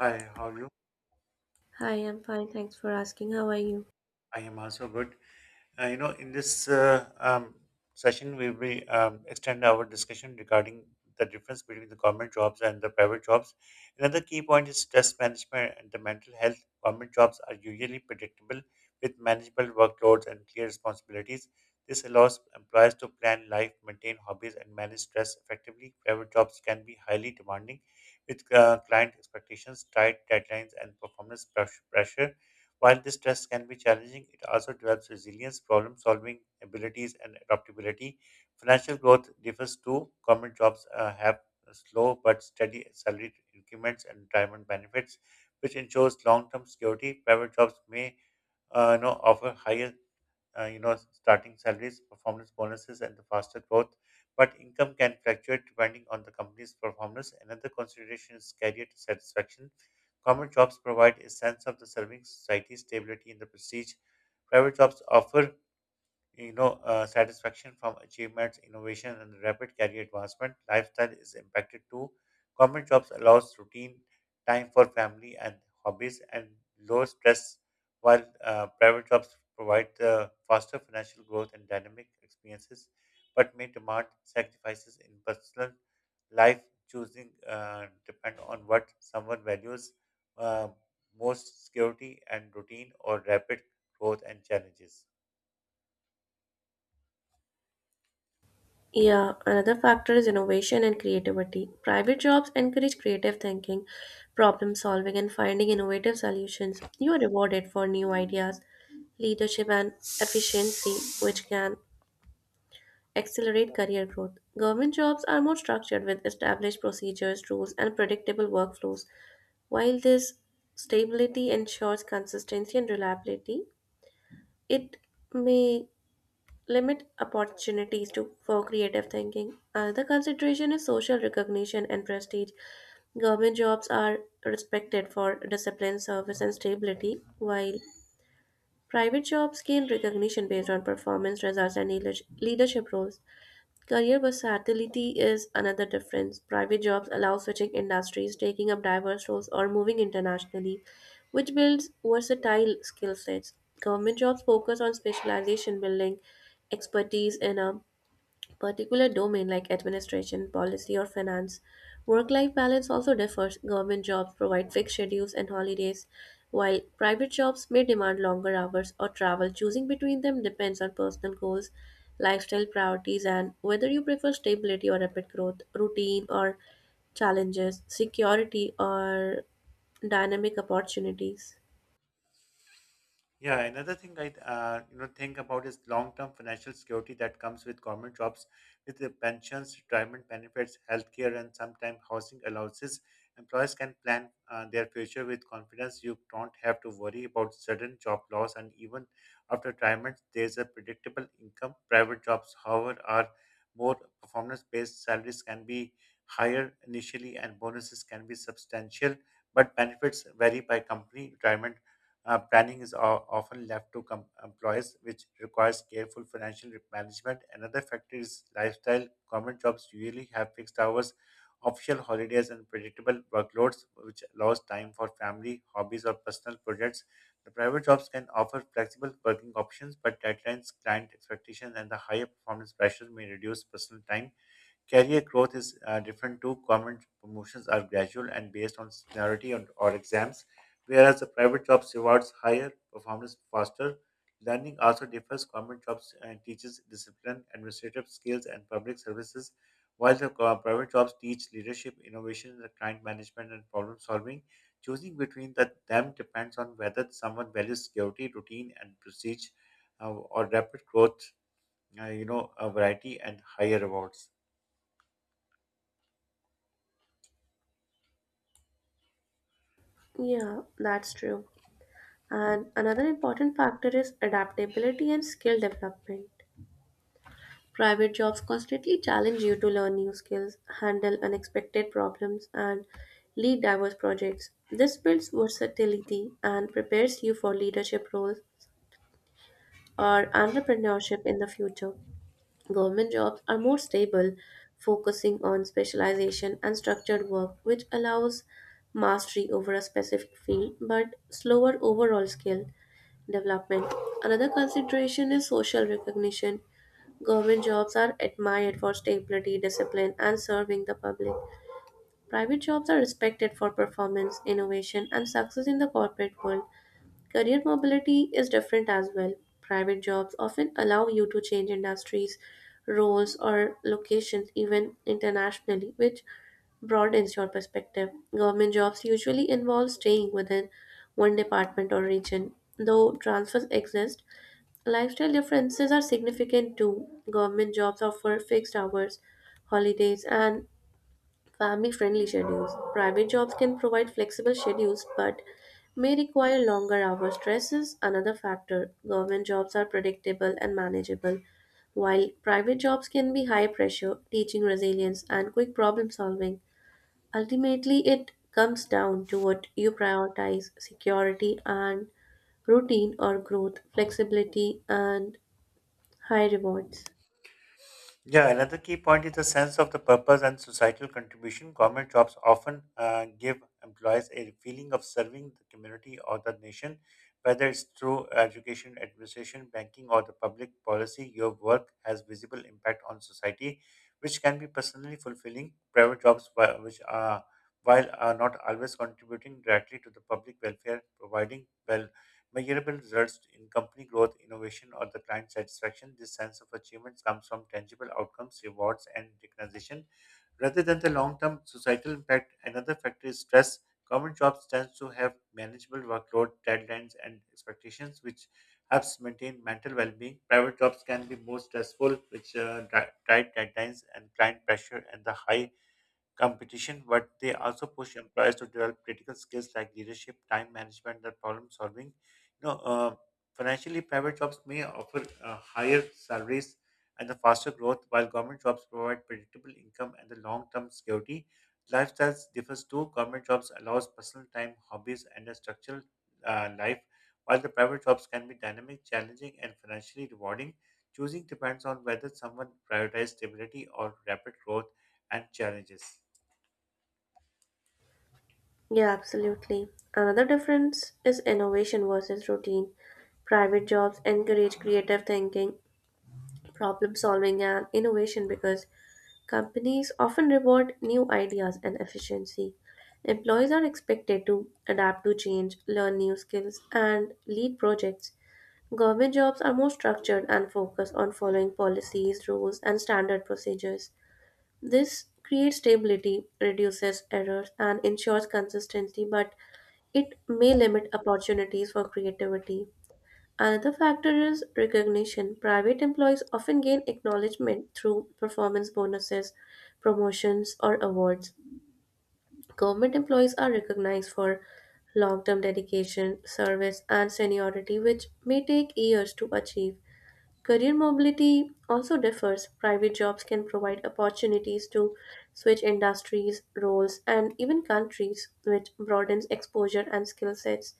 Hi, how are you? Hi, I'm fine. Thanks for asking. How are you? I am also good. In this session, we will extend our discussion regarding the difference between the government jobs and the private jobs. Another key point is stress management and the mental health. Government jobs are usually predictable with manageable workloads and clear responsibilities. This allows employers to plan life, maintain hobbies, and manage stress effectively. Private jobs can be highly demanding with client expectations, tight deadlines, and pressure. While this stress can be challenging, it also develops resilience, problem solving abilities, and adaptability. Financial growth differs too. Government jobs have slow but steady salary increments and retirement benefits, which ensures long term security. Private jobs may offer higher, starting salaries, performance bonuses, and the faster growth. But income can fluctuate depending on the company's performance. Another consideration is career satisfaction. Common jobs provide a sense of the serving society, stability, and the prestige. Private jobs offer, satisfaction from achievements, innovation, and rapid career advancement. Lifestyle is impacted too. Government jobs allows routine time for family and hobbies and low stress, while private jobs provide the faster financial growth and dynamic experiences, but may demand sacrifices in personal life. Choosing depend on what someone values, uh, most: security and routine, or rapid growth and challenges. Yeah, another factor is innovation and creativity. Private jobs encourage creative thinking, problem solving, and finding innovative solutions. You are rewarded for new ideas, leadership, and efficiency, which can accelerate career growth. Government jobs are more structured with established procedures, rules, and predictable workflows. While this stability ensures consistency and reliability, it may limit opportunities to for creative thinking. Another consideration is social recognition and prestige. Government jobs are respected for discipline, service, and stability, while private jobs gain recognition based on performance results and leadership roles. Career versatility is another difference. Private jobs allow switching industries, taking up diverse roles, or moving internationally, which builds versatile skill sets. Government jobs focus on specialization, building expertise in a particular domain like administration, policy, or finance. Work life balance also differs. Government jobs provide fixed schedules and holidays, while private jobs may demand longer hours or travel. Choosing between them depends on personal goals, lifestyle priorities, and whether you prefer stability or rapid growth, routine or challenges, security or dynamic opportunities. Yeah, another thing I, think about is long-term financial security that comes with government jobs, with the pensions, retirement benefits, healthcare, and sometimes housing allowances. Employers can plan their future with confidence. You don't have to worry about sudden job loss, and even after retirement, there's a predictable income. Private jobs, however, are more performance-based. Salaries can be higher initially, and bonuses can be substantial, but benefits vary by company. Retirement planning is often left to employees, which requires careful financial management. Another factor is lifestyle. Government jobs usually have fixed hours, official holidays, and predictable workloads, which allows time for family, hobbies, or personal projects. The private jobs can offer flexible working options, but deadlines, client expectations, and the higher performance pressure may reduce personal time. Career growth is different too. Government promotions are gradual and based on seniority or exams, whereas the private jobs rewards higher performance faster. Learning also differs. Government jobs teaches discipline, administrative skills, and public services, while private jobs teach leadership, innovation, the client management, and problem solving. Choosing between them depends on whether someone values security, routine, and prestige, or rapid growth. A variety and higher rewards. Yeah, that's true. And another important factor is adaptability and skill development. Private jobs constantly challenge you to learn new skills, handle unexpected problems, and lead diverse projects. This builds versatility and prepares you for leadership roles or entrepreneurship in the future. Government jobs are more stable, focusing on specialization and structured work, which allows mastery over a specific field but slower overall skill development. Another consideration is social recognition. Government jobs are admired for stability, discipline, and serving the public. Private jobs are respected for performance, innovation, and success in the corporate world. Career mobility is different as well. Private jobs often allow you to change industries, roles, or locations, even internationally, which broadens your perspective. Government jobs usually involve staying within one department or region, though transfers exist. Lifestyle differences are significant too. Government jobs offer fixed hours, holidays, and family friendly schedules. Private jobs can provide flexible schedules but may require longer hours. Stress is another factor. Government jobs are predictable and manageable, while private jobs can be high pressure, teaching resilience, and quick problem solving. Ultimately, it comes down to what you prioritize, security and routine or growth, flexibility and high rewards. Yeah, another key point is the sense of the purpose and societal contribution. Government jobs often give employees a feeling of serving the community or the nation, whether it's through education, administration, banking, or the public policy. Your work has visible impact on society, which can be personally fulfilling. Private jobs, which are while are not always contributing directly to the public welfare, providing well measurable results in company growth, innovation, or the client satisfaction. This sense of achievement comes from tangible outcomes, rewards, and recognition rather than the long term societal impact. Another factor is stress. Government jobs tend to have manageable workload, deadlines, and expectations, which helps maintain mental well being. Private jobs can be more stressful, which tight deadlines and client pressure and the high competition, but they also push employers to develop critical skills like leadership, time management, and problem solving. You know, uh, Financially, private jobs may offer higher salaries and the faster growth, while government jobs provide predictable income and the long-term security. Lifestyles differs too. Government jobs allows personal time, hobbies, and a structured, life, while the private jobs can be dynamic, challenging, and financially rewarding. Choosing depends on whether someone prioritizes stability or rapid growth and challenges. Yeah, absolutely. Another difference is innovation versus routine. Private jobs encourage creative thinking, problem solving, and innovation because companies often reward new ideas and efficiency. Employees are expected to adapt to change, learn new skills, and lead projects. Government jobs are more structured and focus on following policies, rules, and standard procedures. This creates stability, reduces errors, and ensures consistency, but it may limit opportunities for creativity. Another factor is recognition. Private employees often gain acknowledgement through performance bonuses, promotions, or awards. Government employees are recognized for long term dedication, service, and seniority, which may take years to achieve. Career mobility also differs. Private jobs can provide opportunities to switch industries, roles, and even countries, which broadens exposure and skill sets.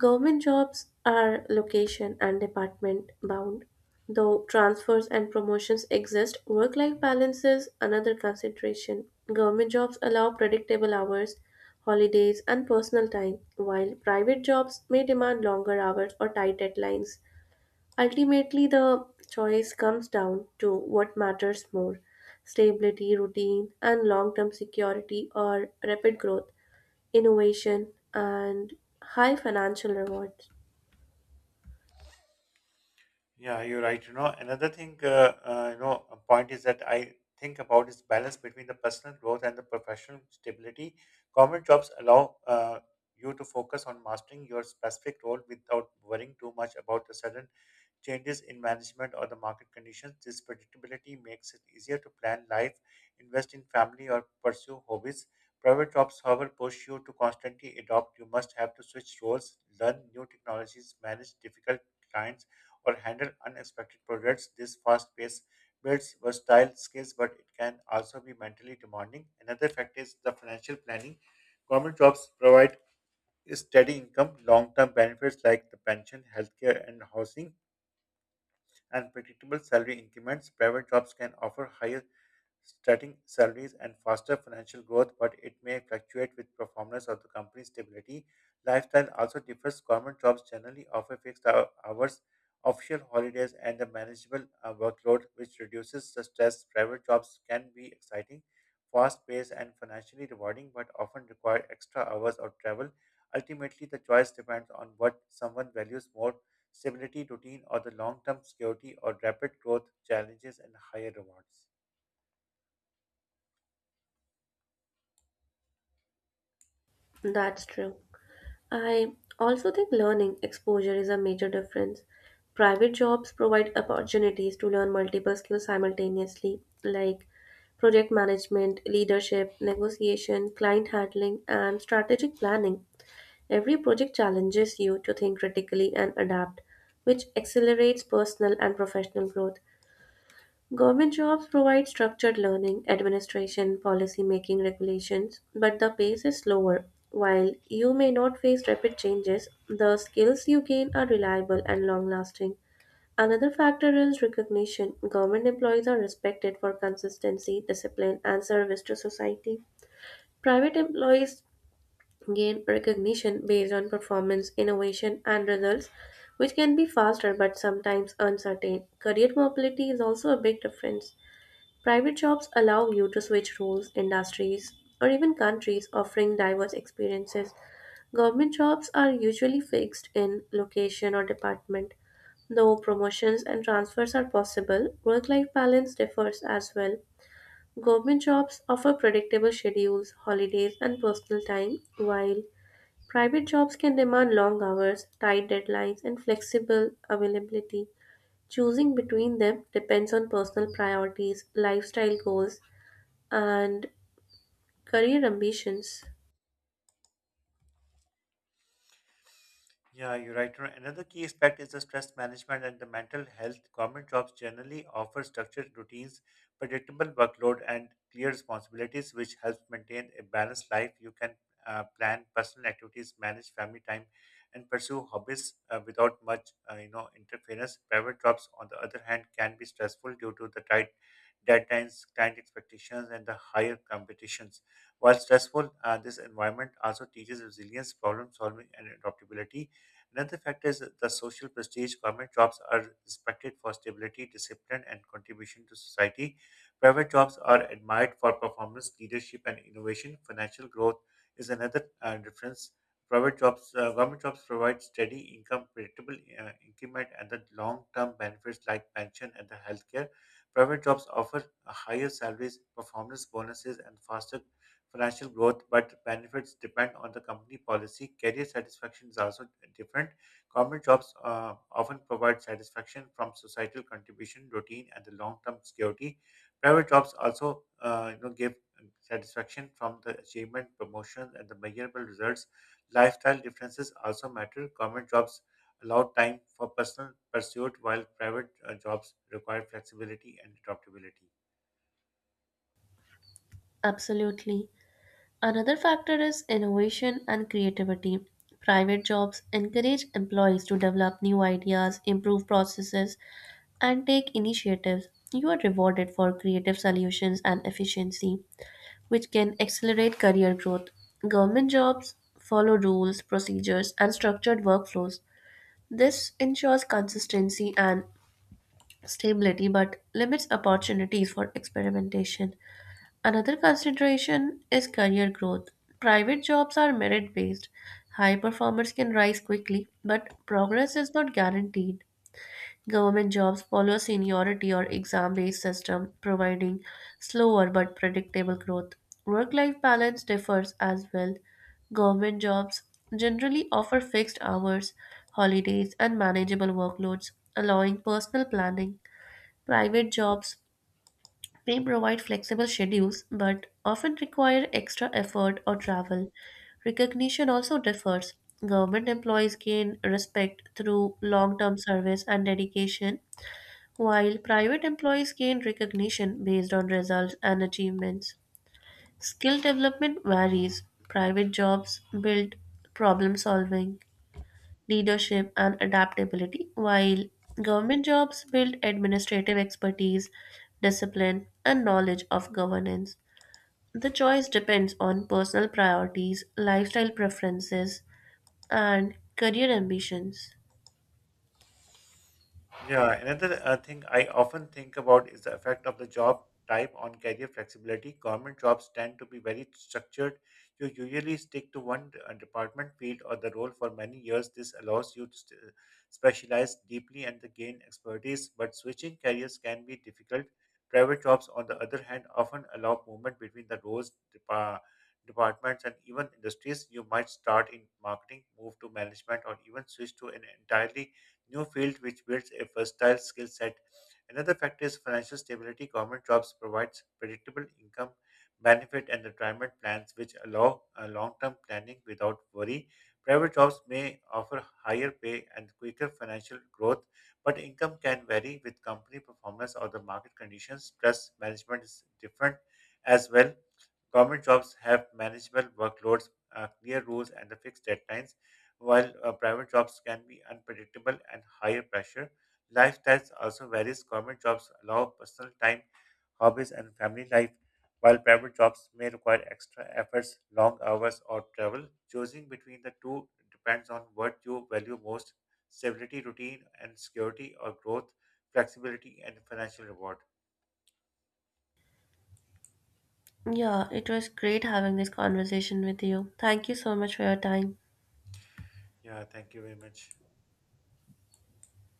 Government jobs are location and department bound, though transfers and promotions exist. Work life balance is another consideration. Government jobs allow predictable hours, holidays, and personal time, while private jobs may demand longer hours or tight deadlines. Ultimately, the choice comes down to what matters more, stability, routine, and long term security, or rapid growth, innovation, and high financial rewards. Yeah, you're right. You know, another thing, a point is that I think about is balance between the personal growth and the professional stability. Government jobs allow you to focus on mastering your specific role without worrying too much about the sudden changes in management or the market conditions. This predictability makes it easier to plan life, invest in family, or pursue hobbies. Private jobs, however, push you to constantly adopt. You must have to switch roles, learn new technologies, manage difficult clients, or handle unexpected projects. This fast pace builds versatile skills, but it can also be mentally demanding. Another factor is the financial planning. Government jobs provide steady income, long term benefits like the pension, healthcare, and housing and predictable salary increments. Private jobs can offer higher starting salaries and faster financial growth, but it may fluctuate with performance of the company's stability. Lifestyle also differs. Government jobs generally offer hours, official holidays, and a manageable, workload, which reduces the stress. Private jobs can be exciting, fast-paced, and financially rewarding, but often require extra hours of travel. Ultimately, the choice depends on what someone values more: stability, routine, or the long-term security, or rapid growth, challenges, and higher rewards. That's true. I also think learning exposure is a major difference. Private jobs provide opportunities to learn multiple skills simultaneously, like project management, leadership, negotiation, client handling, and strategic planning. Every project challenges you to think critically and adapt, which accelerates personal and professional growth. Government jobs provide structured learning, administration, policy making, regulations, but the pace is slower. While you may not face rapid changes, the skills you gain are reliable and long lasting. Another factor is recognition. Government employees are respected for consistency, discipline, and service to society. Private employees gain recognition based on performance, innovation, and results, which can be faster but sometimes uncertain. Career mobility is also a big difference. Private jobs allow you to switch roles, industries, or even countries, offering diverse experiences. Government jobs are usually fixed in location or department, though promotions and transfers are possible. Work life balance differs as well. Government jobs offer predictable schedules, holidays, and personal time, while private jobs can demand long hours, tight deadlines, and flexible availability. Choosing between them depends on personal priorities, lifestyle goals, and career ambitions. Yeah, you're right. Another key aspect is the stress management and the mental health. Government jobs generally offer structured routines, predictable workload, and clear responsibilities, which helps maintain a balanced life. You can plan personal activities, manage family time, and pursue hobbies without much, interference. Private jobs, on the other hand, can be stressful due to the tight deadlines, client expectations, and the higher competitions. While stressful, this environment also teaches resilience, problem solving, and adaptability. Another factor is the social prestige. Government jobs are respected for stability, discipline, and contribution to society. Private jobs are admired for performance, leadership, and innovation. Financial growth is another, difference. Government jobs provide steady income, predictable, increment, and the long-term benefits like pension and the healthcare. Private jobs offer higher salaries, performance bonuses, and faster financial growth, but benefits depend on the company policy. Career satisfaction is also different. Government jobs often provide satisfaction from societal contribution, routine, and the long-term security. Private jobs also, give satisfaction from the achievement, promotion, and the measurable results. Lifestyle differences also matter. Government jobs allow time for personal pursuit, while private, jobs require flexibility and adaptability. Absolutely. Another factor is innovation and creativity. Private jobs encourage employees to develop new ideas, improve processes, and take initiatives. You are rewarded for creative solutions and efficiency, which can accelerate career growth. Government jobs follow rules, procedures, and structured workflows. This ensures consistency and stability but limits opportunities for experimentation. Another consideration is career growth. Private jobs are merit based. High performers can rise quickly, but progress is not guaranteed. Government jobs follow seniority or exam based system, providing slower but predictable growth. Work life balance differs as well. Government jobs generally offer fixed hours, holidays, and manageable workloads, allowing personal planning. Private jobs may provide flexible schedules but often require extra effort or travel. Recognition also differs. Government employees gain respect through long term service and dedication, while private employees gain recognition based on results and achievements. Skill development varies. Private jobs build problem solving, leadership, and adaptability, while government jobs build administrative expertise, discipline, and knowledge of governance. The choice depends on personal priorities, lifestyle preferences, and career ambitions. Yeah, another, thing I often think about is the effect of the job type on career flexibility. Government jobs tend to be very structured. You usually stick to one, department, field, or the role for many years. This allows you to specialize deeply and to gain expertise, but switching careers can be difficult. Private jobs, on the other hand, often allow movement between the roles, departments, and even industries. You might start in marketing, move to management, or even switch to an entirely new field which builds a versatile skill set. Another factor is financial stability. Government jobs provides predictable income, benefit, and retirement plans which allow long-term planning without worry. Private jobs may offer higher pay and quicker financial growth, but income can vary with company performance or the market conditions. Plus, management is different as well. Government jobs have manageable workloads, clear rules, and the fixed deadlines while private jobs can be unpredictable and higher pressure. Lifestyles also varies. Government jobs allow personal time, hobbies, and family life, while private jobs may require extra efforts, long hours, or travel. Choosing between the two depends on what you value most: stability, routine, and security, or growth, flexibility, and financial reward. Yeah, it was great having this conversation with you. Thank you so much for your time. Yeah, thank you very much.